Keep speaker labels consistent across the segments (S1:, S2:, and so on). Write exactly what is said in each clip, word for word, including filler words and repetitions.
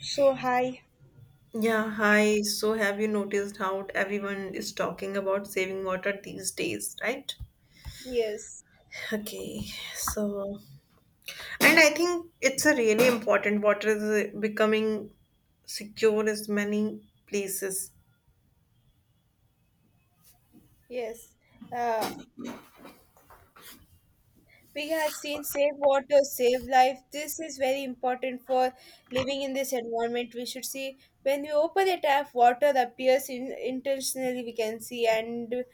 S1: So hi.
S2: Yeah, hi. So, have you noticed how everyone is talking about saving water these days, right?
S1: Yes,
S2: Okay, so, and I think it's a really important water is uh, becoming secure in many places.
S1: yes. Uh, we have seen save water, save life. This is very important for living in this environment. We should see when we open a tap, water appears in, intentionally. We can see, and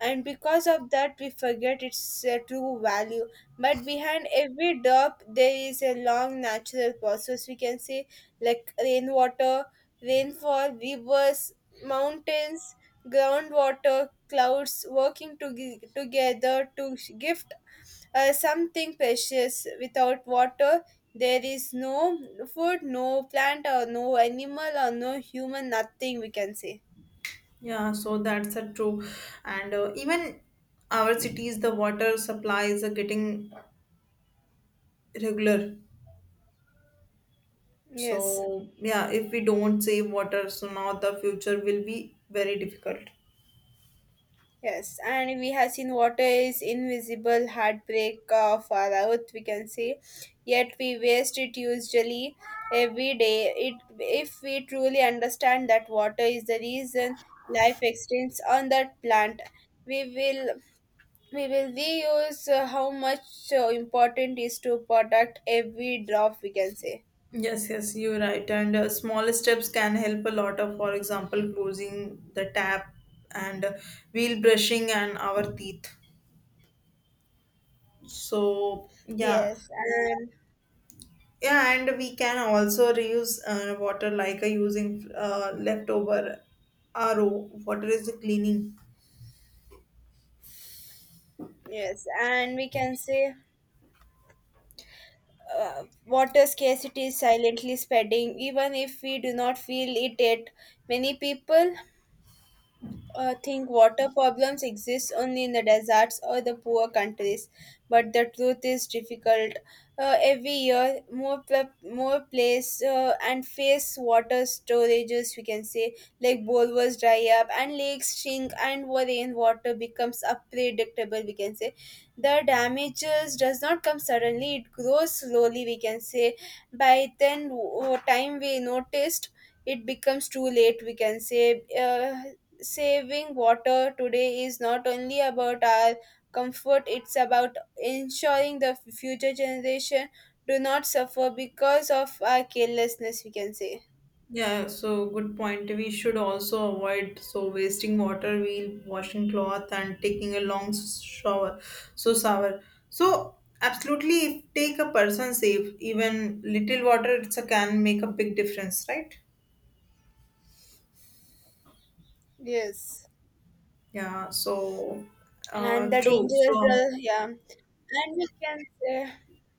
S1: and because of that we forget its uh, true value, but behind every drop there is a long natural process, we can say, like rainwater, rainfall, rivers, mountains, groundwater, clouds working to- together to give uh, something precious. Without water, there is no food, no plant, or no animal, or no human, nothing, we can say.
S2: Yeah, so that's a true. And uh, even our cities, the water supplies are getting regular.
S1: Yes,
S2: So, yeah, if we don't save water, so now the future will be very difficult.
S1: yes. And we have seen water is invisible heartbreak of our earth, we can say. Yet we waste it usually every day. It, if we truly understand that water is the reason life extends on that plant, we will we will reuse uh, how much uh, important is to protect every drop, we can say.
S2: Yes, yes, you're right. And uh, small steps can help a lot of, for example, closing the tap and uh, wheel brushing and our teeth. So, yeah.
S1: yes and
S2: Yeah, and we can also reuse uh, water like uh, using uh, leftover R O. Water is the cleaning.
S1: yes and we can say uh, water scarcity is silently spreading even if we do not feel it yet. Many people uh, think water problems exist only in the deserts or the poor countries, but the truth is difficult. Uh, every year, more pl- more place uh, and face water storages, we can say, like bowls dry up and lakes shrink and wa- rainwater becomes unpredictable, we can say. The damages does not come suddenly, it grows slowly, we can say. By then, w- time we noticed, it becomes too late, we can say. Uh, saving water today is not only about our comfort, it's about ensuring the future generation do not suffer because of our carelessness, we can say.
S2: Yeah, so good point. We should also avoid so wasting water while washing cloth and taking a long s- shower. So shower. So absolutely, if take a person safe, even little water it's a can make a big difference, right?
S1: Yes.
S2: Yeah. So, uh,
S1: and the
S2: true.
S1: dangerous
S2: So
S1: the, Yeah, and we can say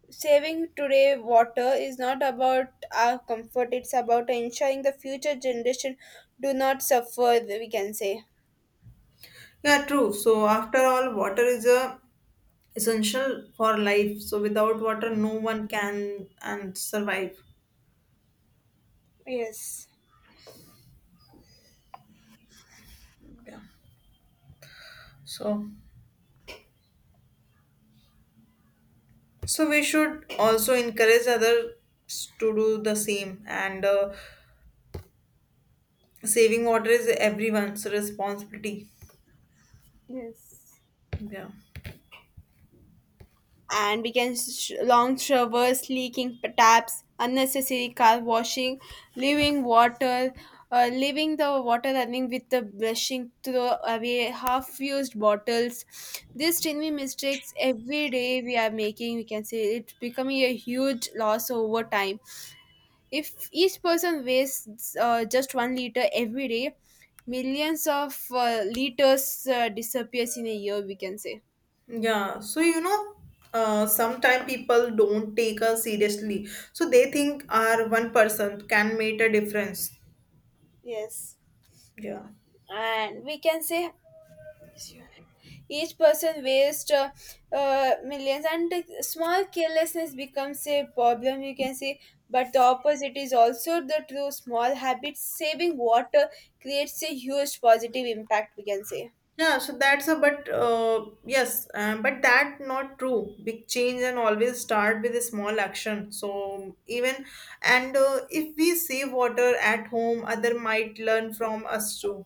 S1: saving today water is not about our comfort, it's about ensuring the future generation do not suffer, we can say.
S2: yeah, true. So after all, water is a essential for life. So without water, no one can and survive.
S1: Yes.
S2: Yeah. So. So we should also encourage others to do the same. And uh, saving water is everyone's responsibility.
S1: Yes.
S2: Yeah.
S1: and we can sh- Long showers, leaking p- taps, unnecessary car washing, leaving water, uh, leaving the water running with the brushing, throw away half-used bottles. These tiny mistakes every day we are making, we can say, it's becoming a huge loss over time. If each person wastes uh, just one liter every day, millions of uh, liters uh, disappears in a year, we can say.
S2: Yeah. So you know, uh, sometimes people don't take us seriously. So they think our one person can make a difference.
S1: Yes.
S2: Yeah.
S1: And we can say each person wastes uh, uh, millions, and the small carelessness becomes a problem, you can say. But the opposite is also the true. Small habits saving water creates a huge positive impact, we can say.
S2: Yeah, so that's a but uh, yes, uh, but that not true. Big change and always start with a small action. So even and uh, if we save water at home, other might learn from us too.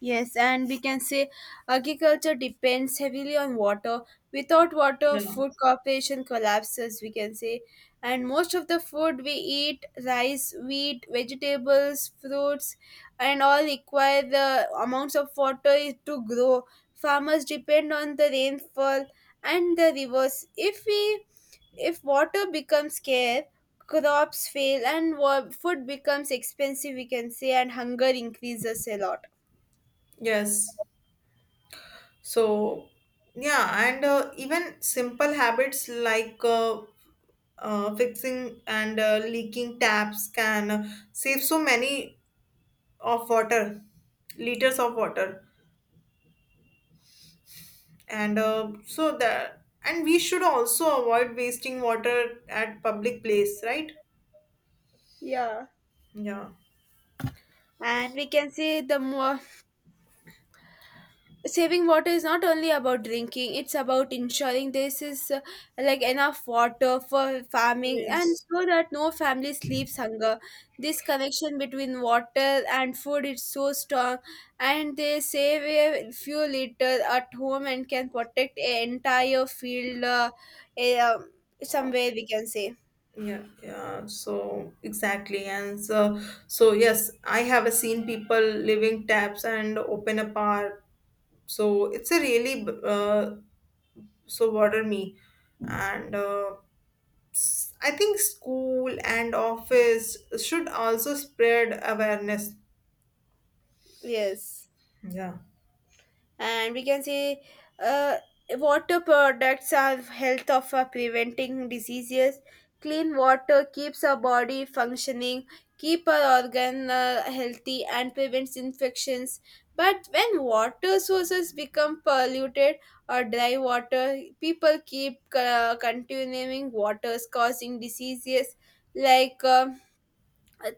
S1: Yes, and we can say agriculture depends heavily on water. Without water,
S2: Yeah.
S1: food cooperation collapses, we can say. And most of the food we eat, rice, wheat, vegetables, fruits, and all require the amounts of water is to grow. Farmers depend on the rainfall and the rivers. If we if water becomes scarce, crops fail and wa- food becomes expensive, we can say, and hunger increases a lot.
S2: Yes. So yeah, and uh, even simple habits like uh, uh, fixing and uh, leaking taps can save so many of water, liters of water. And uh, So that and we should also avoid wasting water at public place, right?
S1: Yeah,
S2: Yeah.
S1: and we can say the more saving water is not only about drinking, it's about ensuring this is, uh, like, enough water for farming and
S2: Yes.
S1: so that no family sleeps hunger. This connection between water and food is so strong, and they save a few liters at home and can protect an entire field, uh, a, um, somewhere, we can say.
S2: Yeah. Yeah, so exactly. And so, so yes, I have seen people leaving taps and open a bar, so it's a really uh, so bother me and uh, s- I think school and office should also spread awareness.
S1: Yes.
S2: Yeah.
S1: And we can say uh, water products are health of, uh, preventing diseases, clean water keeps our body functioning, keep our organ uh, healthy and prevents infections, but when water sources become polluted or dry water, people keep uh, continuing waters causing diseases like, um,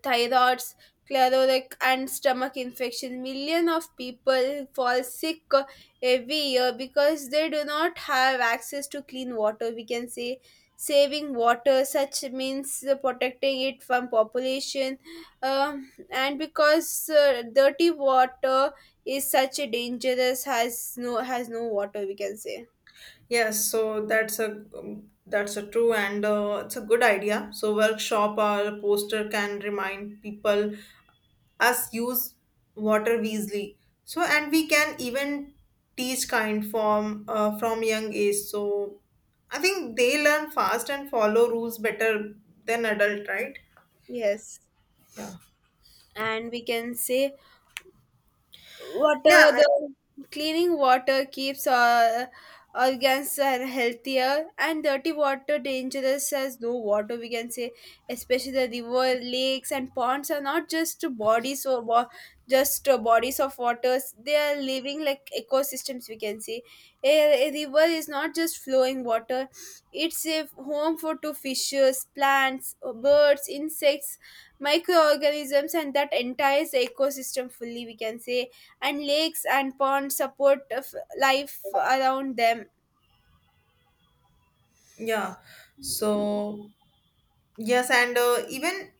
S1: thyroids, chlorotic, and stomach infections. Millions of people fall sick uh, every year because they do not have access to clean water, we can say. Saving water, such means, uh, protecting it from population, um, and because uh, dirty water is such a dangerous, has no has no water, we can say.
S2: Yes, so that's a um, that's a true. And uh, it's a good idea. So workshop or poster can remind people us use water wisely. So and we can even teach kind from uh, from young age. So I think they learn fast and follow rules better than adult, right?
S1: Yes,
S2: Yeah.
S1: and we can say
S2: Yeah,
S1: water,
S2: I-
S1: the cleaning water keeps our organs are healthier, and dirty water dangerous as no water, we can say, especially the river, lakes, and ponds are not just bodies or wa- just uh, bodies of waters. They are living like ecosystems, we can say. A, a river is not just flowing water; it's a home for to fishes, plants, birds, insects, microorganisms, and that entire ecosystem fully, we can say. And lakes and ponds support of life around them.
S2: yeah. So yes, and uh, even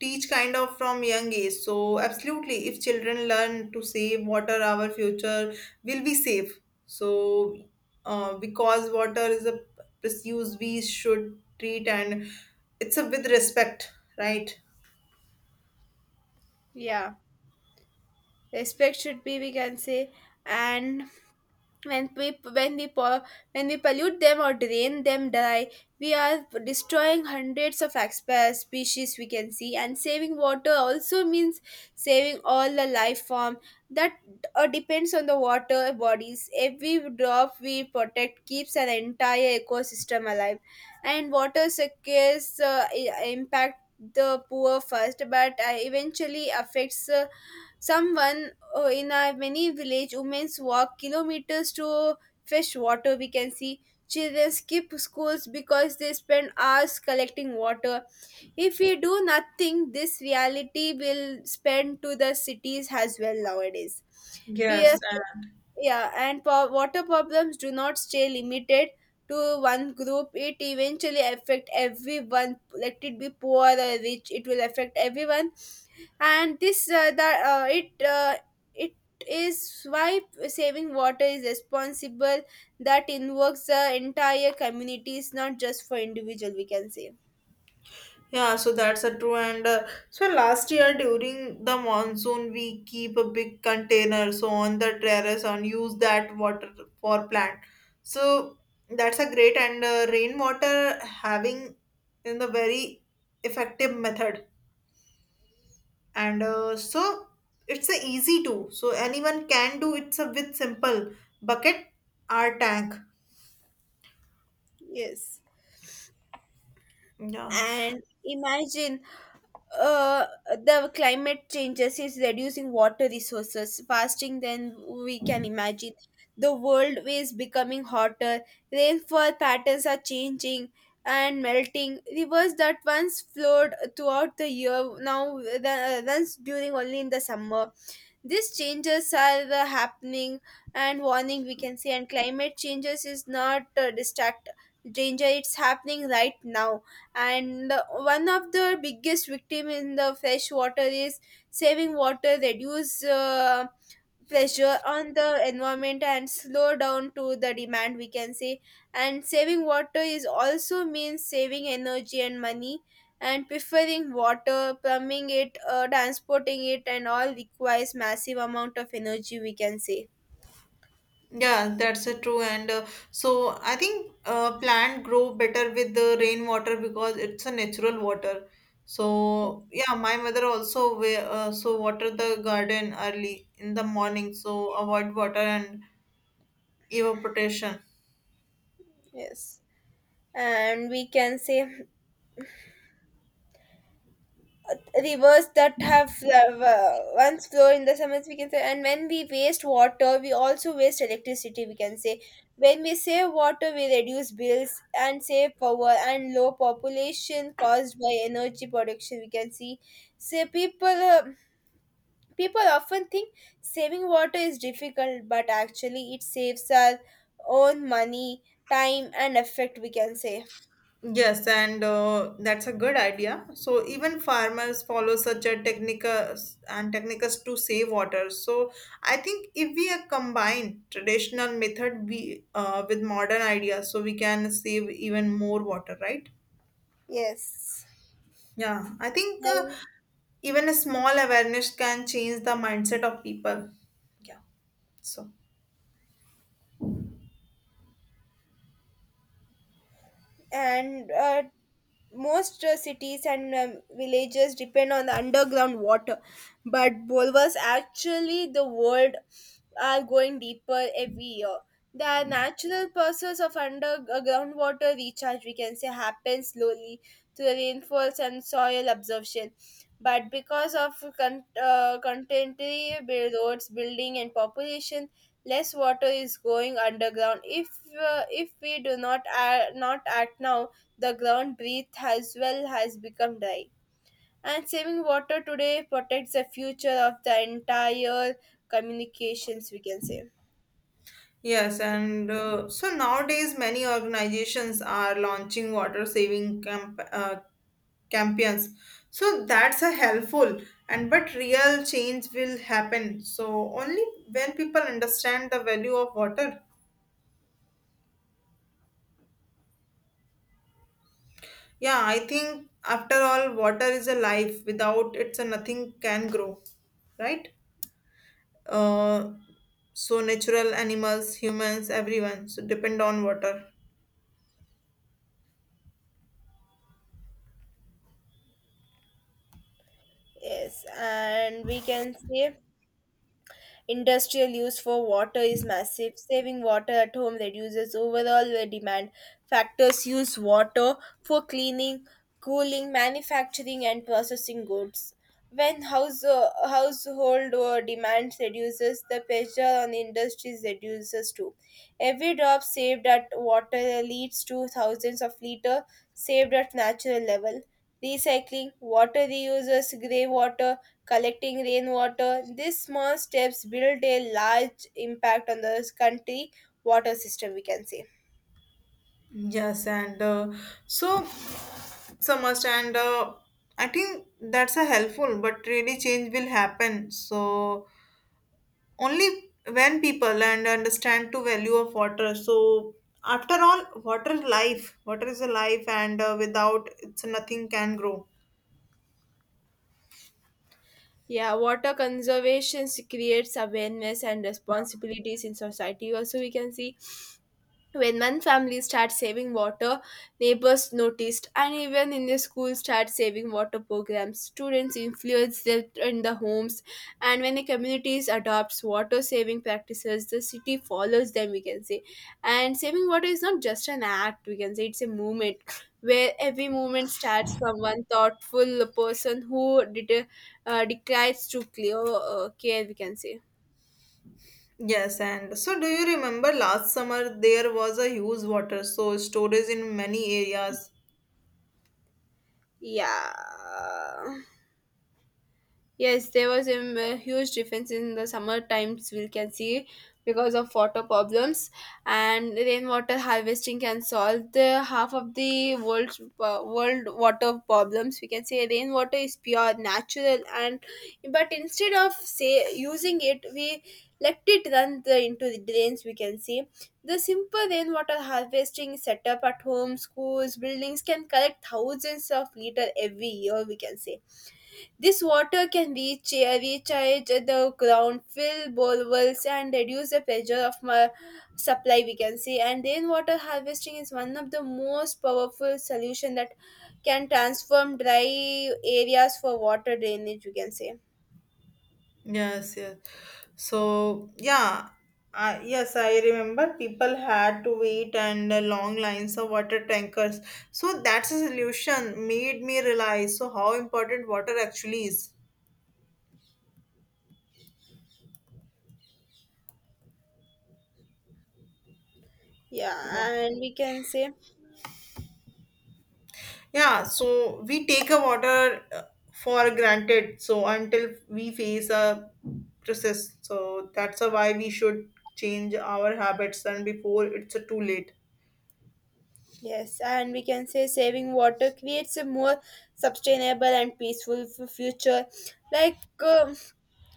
S2: teach kind of from young age. So absolutely, if children learn to save water our future will be safe. So uh, because water is a precious we should treat and it's a with respect, right?
S1: Yeah, respect should be, we can say. And when we when we po- when we pollute them or drain them dry, we are destroying hundreds of exp- species, we can see. And saving water also means saving all the life form that uh, depends on the water bodies. Every drop we protect keeps an entire ecosystem alive. And water secures, uh, i- impact the poor first, but uh, eventually affects uh, someone uh, in our many village. Women walk kilometers to fetch water, we can see. Children skip schools because they spend hours collecting water. If we do nothing, this reality will spread to the cities as well nowadays. Peer-
S2: Yes.
S1: yeah, and po- water problems do not stay limited to one group, it eventually affect everyone, let it be poor or rich, it will affect everyone. And this uh, the uh, it uh, it is why saving water is responsible that invokes the entire community, it's not just for individual, we can say.
S2: Yeah, so that's a true. And uh, so last year during the monsoon, we keep a big container so on the terrace and use that water for plant. So that's a great. And uh, rainwater having in the very effective method. And uh, so it's a easy to so anyone can do. It's a with simple bucket or tank.
S1: Yes,
S2: Yeah.
S1: and imagine, uh, the climate changes is reducing water resources fasting than we can imagine. The world is becoming hotter, rainfall patterns are changing and melting. Rivers that once flowed throughout the year now ru- runs during only in the summer. These changes are uh, happening and warning, we can say. And climate changes is not uh, distract danger, it's happening right now. And uh, one of the biggest victim in the fresh water is saving water. Reduce uh, pressure on the environment and slow down to the demand, we can say. And saving water is also means saving energy and money, and preferring water, plumbing it, uh, transporting it, and all requires massive amount of energy, we can say.
S2: Yeah, that's a true. And uh, so I think uh, plant grow better with the rainwater because it's a natural water. So yeah, my mother also wa- uh, so water the garden early in the morning. So avoid water and evaporation.
S1: Yes, and we can say rivers that have uh, once flow in the summers, we can say. And when we waste water, we also waste electricity, we can say. When we save water, we reduce bills and save power and low population caused by energy production, we can see. Say people uh, people often think saving water is difficult, but actually it saves our own money, time, and effort, we can say.
S2: Yes, and uh, that's a good idea. So even farmers follow such a technicas and technicas to save water. So I think if we uh, combine traditional method we uh, with modern ideas, so we can save even more water, right?
S1: Yes.
S2: Yeah, I think uh,
S1: and
S2: even a small awareness can change the mindset of people. Yeah. So
S1: and uh, Most uh, cities and, um, villages depend on the underground water, but bulwarks actually the world are going deeper every year. The natural process of underground water recharge, we can say, happens slowly through the rainfalls and soil absorption, but because of con- uh, contemporary build- roads building and population, less water is going underground. If uh, if we do not uh, not act now, the ground beneath as well has become dry. And saving water today protects the future of the entire communications, we can say.
S2: yes, and uh, so nowadays many organizations are launching water saving camp- uh, campaigns, so that's a helpful and but real change will happen so only when people understand the value of water. Yeah, I think after all water is a life without it, so nothing can grow, right? uh, so natural animals humans everyone so depend on water.
S1: Yes, and we can say industrial use for water is massive. Saving water at home reduces overall uh, demand. Factors use water for cleaning, cooling, manufacturing, and processing goods. When house, uh, household uh, demand reduces, the pressure on industries reduces too. Every drop saved at water leads to thousands of liters saved at natural level. Recycling, water reuses, grey water, collecting rainwater. These small steps build a large impact on the country water system, we can say.
S2: Yes, and uh, so so much and uh, I think that's a helpful but really change will happen so only when people and understand to value of water. So after all water is life, water is a life, and uh, without it's nothing can grow.
S1: Yeah, water conservation creates awareness and responsibilities in society. Also, we can see when one family starts saving water, neighbors noticed, and even in the school start saving water programs. Students influence them in the homes, and when the communities adopts water saving practices, the city follows them, we can say. And saving water is not just an act, we can say, it's a movement where every movement starts from one thoughtful person who did, uh, decides to clear uh, care, we can say.
S2: Yes. And so, do you remember last summer there was a huge water so storage in many areas?
S1: Yeah. Yes, there was, um, a m- huge difference in the summer times, we can see, because of water problems. And rainwater harvesting can solve the half of the world's uh, world water problems, we can say. Rainwater is pure, natural, and but instead of say using it, we let it run the, into the drains, we can see. The simple rainwater harvesting setup at home, schools, buildings can collect thousands of liter every year, we can say. This water can reach, recharge the ground, fill bore wells, and reduce the pressure of my supply, we can say. And rainwater harvesting is one of the most powerful solution that can transform dry areas for water drainage, we can say.
S2: Yes, yes. So yeah, uh, yes I remember people had to wait and uh, long lines of water tankers, so that's a solution made me realize so how important water actually is. Yeah.
S1: Yeah, and we can say,
S2: Yeah, so we take a water uh, for granted. So until we face a process, so that's a why we should change our habits and before it's a too late.
S1: yes, and we can say saving water creates a more sustainable and peaceful f- future. Like, uh,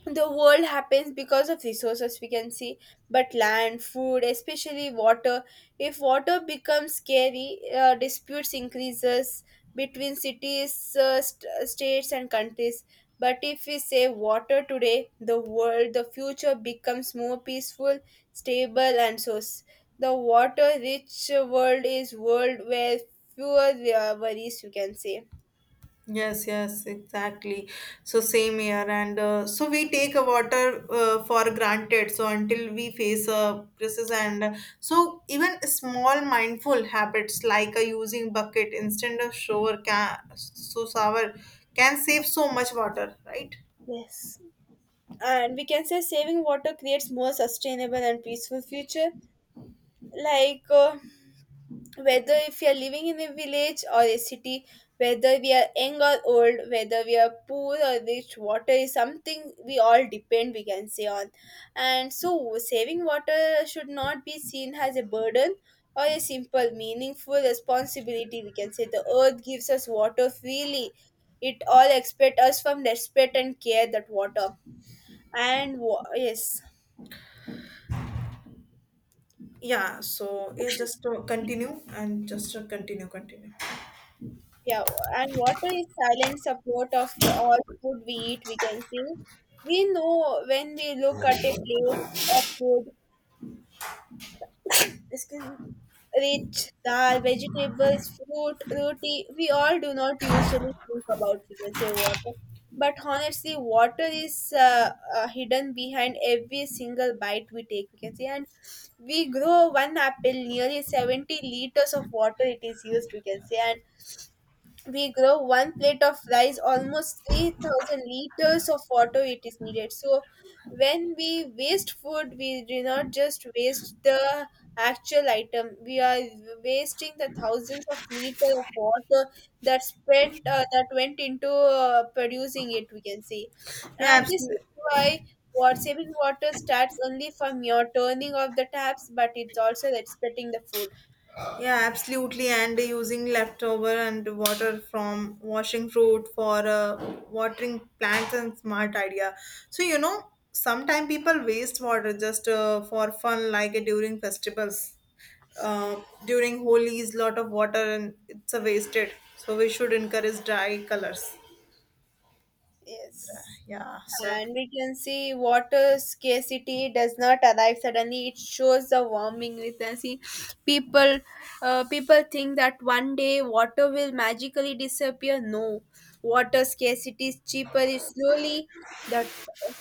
S1: the world happens because of resources we can see, but land, food, especially water. If water becomes scary, uh, disputes increases between cities, uh, st- states and countries. But if we say water today, the world, the future becomes more peaceful, stable and source. The water rich world is world where fewer uh, worries, you can say.
S2: Yes, yes, exactly. So same here, and uh, so we take a water uh, for granted. So until we face a crisis, and uh, so even small mindful habits like uh, using bucket instead of shower can so shower can save so much water, right?
S1: Yes, and we can say saving water creates more sustainable and peaceful future. like uh, Whether if you are living in a village or a city, whether we are young or old, whether we are poor or rich, water is something we all depend, we can say, on. And so saving water should not be seen as a burden or a simple meaningful responsibility, we can say. The earth gives us water freely. It all expect us from respect and care that water. And wa- yes.
S2: Yeah, so yeah, just uh, continue and just uh, continue, continue.
S1: Yeah, and water is silent support of all food we eat, we can say. We know when we look at a plate of food, excuse me, rich dal, vegetables, fruit, roti, we all do not usually think about, we can say, water. But honestly, water is uh, uh, hidden behind every single bite we take, we can say. And we grow one apple, nearly seventy liters of water it is used, we can say. We grow one plate of rice, almost three thousand liters of water it is needed. So when we waste food, we do not just waste the actual item, we are wasting the thousands of liter of water that spent uh, that went into uh, producing it, we can say.
S2: Yeah,
S1: And this
S2: absolutely.
S1: is why what saving water starts only from your turning off the taps, but it's also respecting the food.
S2: Yeah, absolutely. And using leftover and water from washing fruit for uh, watering plants and smart idea. So you know, sometimes people waste water just uh, for fun, like uh, during festivals. Uh, during Holi is lot of water and it's a wasted. So we should encourage dry colors.
S1: Yes.
S2: Yeah, so.
S1: And we can see water scarcity does not arrive suddenly. It shows the warming. We can see people, uh, people think that one day water will magically disappear. No, water scarcity is cheaper. It's slowly that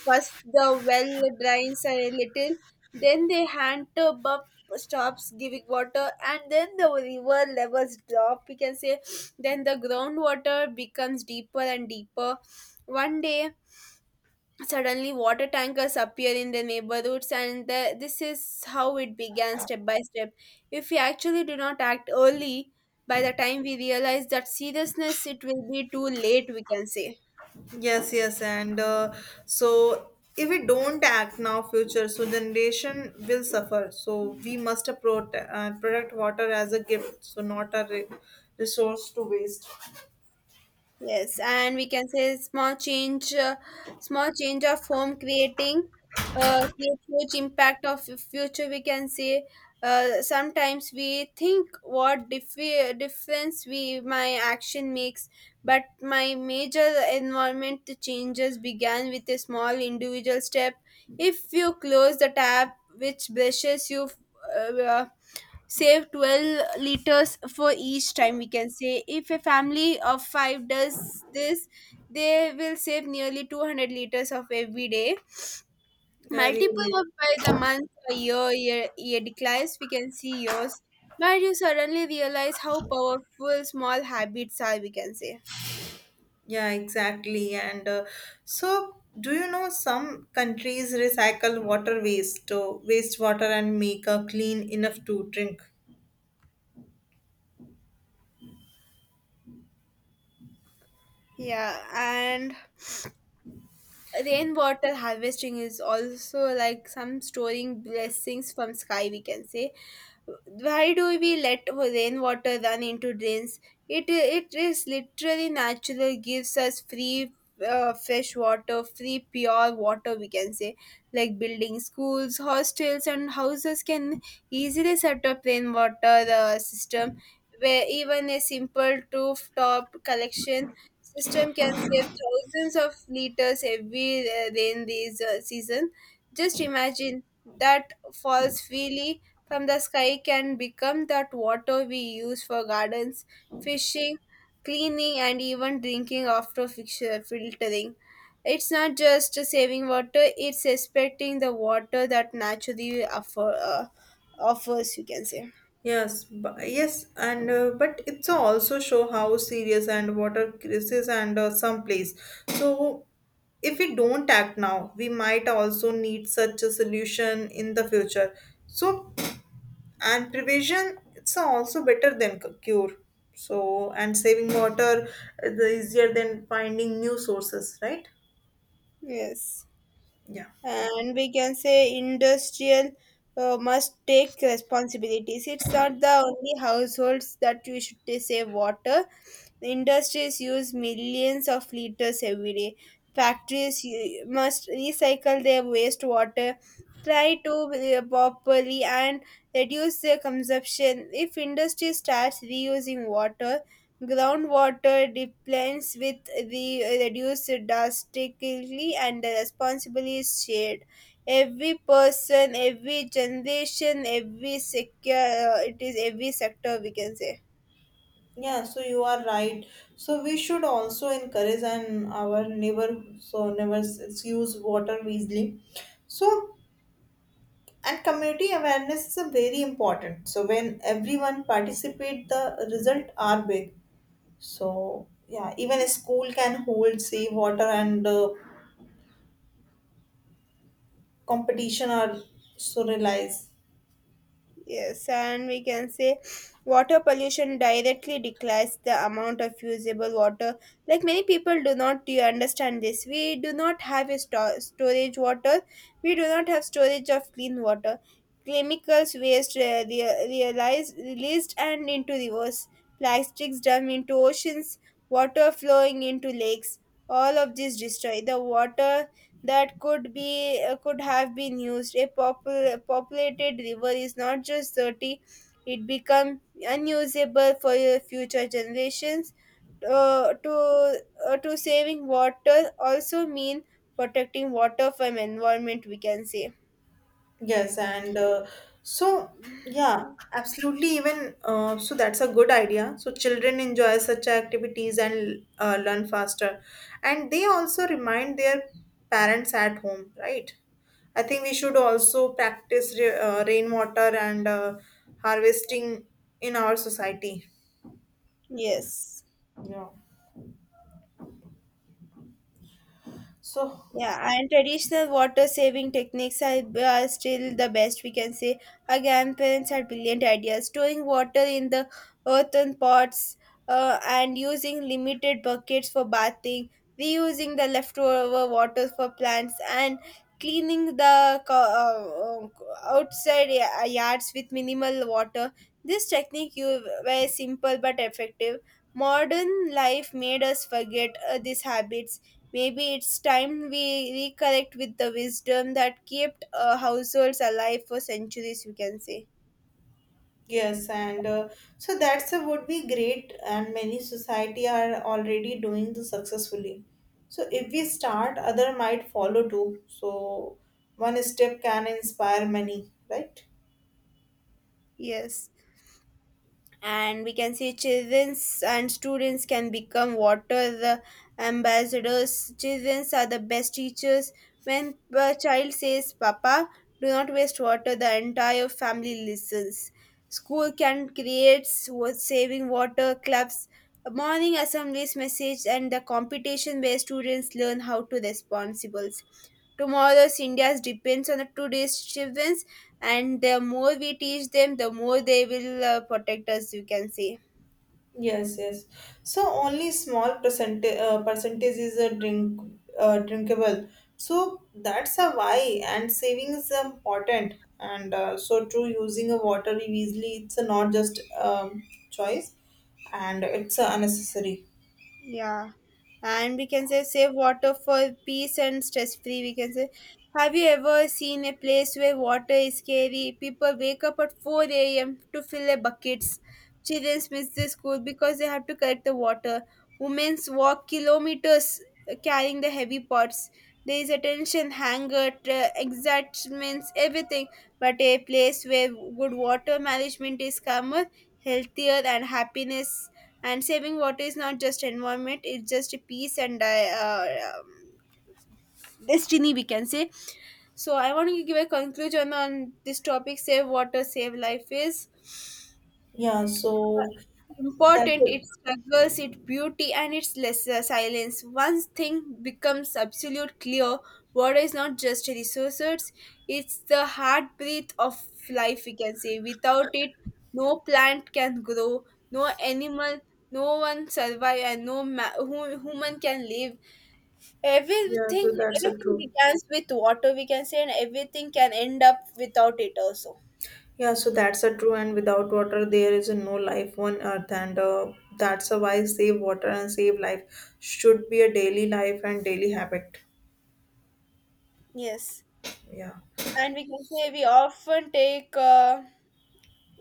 S1: first the well drains a little, then the hand buff stops giving water, and then the river levels drop. We can say then the groundwater becomes deeper and deeper. One day suddenly, water tankers appear in the neighborhoods, and the, this is how it began step by step. If we actually do not act early, by the time we realize that seriousness, it will be too late, we can say.
S2: Yes, yes, and uh, so if we don't act now, future so generation will suffer. So we must protect, uh, protect water as a gift, so not a re- resource to waste.
S1: Yes, and we can say small change, uh, small change of home creating, uh, create huge impact of f- future. We can say, uh, sometimes we think what dif- difference we my action makes, but my major environment changes began with a small individual step. If you close the tap which brushes you. Uh, Save twelve liters for each time, we can say. If a family of five does this, they will save nearly two hundred liters of every day,
S2: Yeah,
S1: multiple
S2: really.
S1: of by the month or year, year, year declines we can see yours, but you suddenly realize how powerful small habits are, we can say.
S2: Yeah, exactly. And uh, so, do you know some countries recycle water waste, uh, wastewater, and make a clean enough to drink?
S1: Yeah, and rainwater harvesting is also like some storing blessings from sky, we can say. Why do we let rainwater run into drains? It it is literally natural. Gives us free uh, fresh water, free pure water, we can say. Like building schools, hostels, and houses can easily set up rainwater uh, system, where even a simple rooftop collection system can save thousands of liters every uh, rain this uh, season. Just imagine that falls freely from the sky can become that water we use for gardens, fishing, cleaning, and even drinking after fixture- filtering. It's not just saving water, it's respecting the water that naturally offer, uh, offers, you can say.
S2: Yes, bu- yes, and uh, but it's also show how serious and water crisis and uh, some place. So, if we don't act now, we might also need such a solution in the future. So, and prevention it's also better than c- cure. So, and saving water is easier than finding new sources, right?
S1: Yes.
S2: Yeah.
S1: And we can say industrial uh, must take responsibilities. It's not the only households that we should save water. The industries use millions of liters every day. Factories u- must recycle their wastewater, try to uh, properly, and reduce their consumption. If industry starts reusing water, groundwater depletes with the reduced drastically and the responsibility is shared. Every person, every generation, every secure, uh, it is every sector, we can say.
S2: Yeah, so you are right. So we should also encourage and our neighbor so neighbors use water wisely. So and community awareness is a very important. So when everyone participate, the result are big. So yeah, even a school can hold say water and uh, competition or so realize.
S1: Yes, and we can say water pollution directly declines the amount of usable water. Like many people do not do understand this. We do not have a sto- storage water. We do not have storage of clean water. Chemicals waste re- re- realized, released and into rivers. Plastics dumped into oceans. Water flowing into lakes. All of this destroy the water that could be uh, could have been used. A popul- populated river is not just dirty; it becomes unusable for your future generations. Uh, to uh, to saving water also mean protecting water from environment, we can say.
S2: Yes, and uh, so yeah, absolutely. Even uh, so, that's a good idea. So children enjoy such activities and uh, learn faster, and they also remind their parents at home, right? I think we should also practice re- uh, rainwater and uh, harvesting in our society.
S1: Yes.
S2: Yeah. So
S1: Yeah, and traditional water saving techniques are, are still the best, we can say. Our grandparents had brilliant ideas. Storing water in the earthen pots, uh, and using limited buckets for bathing, reusing the leftover water for plants, and cleaning the co- uh, uh, outside ya- uh, yards with minimal water. This technique you were simple but effective. Modern life made us forget uh, these habits. Maybe it's time we reconnect with the wisdom that kept uh, households alive for centuries, we can say.
S2: yes, and uh, so that's a would be great, and many society are already doing this successfully. So if we start, other might follow too. So one step can inspire many, right?
S1: Yes. And we can see children and students can become water ambassadors. Children are the best teachers. When a child says papa, do not waste water, the entire family listens. School can create wa- saving water clubs, morning assemblies message and the competition, where students learn how to responsibles. Tomorrow's India depends on the today's children, and the more we teach them, the more they will uh, protect us, you can say.
S2: Yes, yes. So only small percentage uh, percentage is a drink uh, drinkable. So that's a why, and saving is important. And uh, so true, using a water easily, it's a not just um, choice, and it's a unnecessary.
S1: Yeah, and we can say save water for peace and stress free. We can say, have you ever seen a place where water is scary? People wake up at four a m to fill their buckets. Children miss the school because they have to collect the water. Women walk kilometers uh, carrying the heavy pots. There is attention, hunger, tra- excitements, everything. But a place where good water management is calmer, healthier, and happiness, and saving water is not just environment, it's just a peace and I, uh, um, destiny, we can say. So I want to give a conclusion on this topic. Save water save life is
S2: Yeah, so that's
S1: important,
S2: a
S1: its struggles, its beauty, and its lesser silence. Once thing becomes absolute clear, water is not just a resource, it's the heartbeat of life, we can say. Without it, no plant can grow, no animal, no one survive, and no ma- hu- human can live.
S2: yeah,
S1: Everything,
S2: so that's a
S1: everything
S2: true.
S1: begins with water, we can say, and everything can end up without it also.
S2: Yeah, so that's a true. And without water, there is no life on earth, and uh, that's a why save water and save life should be a daily life and daily habit.
S1: Yes.
S2: Yeah,
S1: And we can say we often take uh,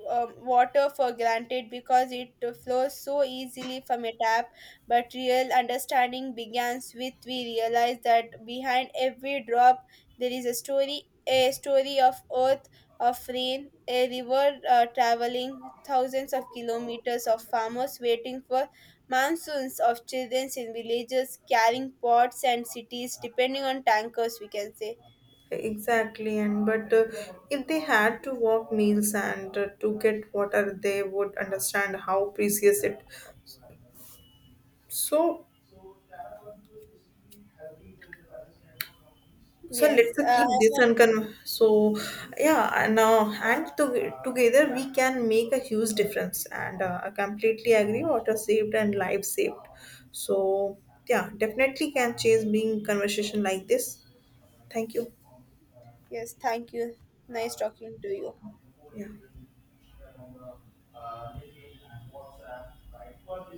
S1: um, water for granted because it flows so easily from a tap, but real understanding begins with we realize that behind every drop there is a story, a story of earth, of rain, a river uh, traveling thousands of kilometers, of farmers waiting for monsoons, of children in villages carrying pots and cities depending on tankers, we can say.
S2: exactly. And but uh, if they had to walk meals and uh, to get water, they would understand how precious it. So, so
S1: Yes,
S2: let's uh,
S1: uh, I
S2: keep this
S1: want-
S2: uncon. So yeah, and uh, and to- together we can make a huge difference. And uh, I completely agree. Water saved and life saved. So yeah, definitely can change being conversation like this. Thank you.
S1: yes, thank you. Nice talking to you.
S2: Yeah.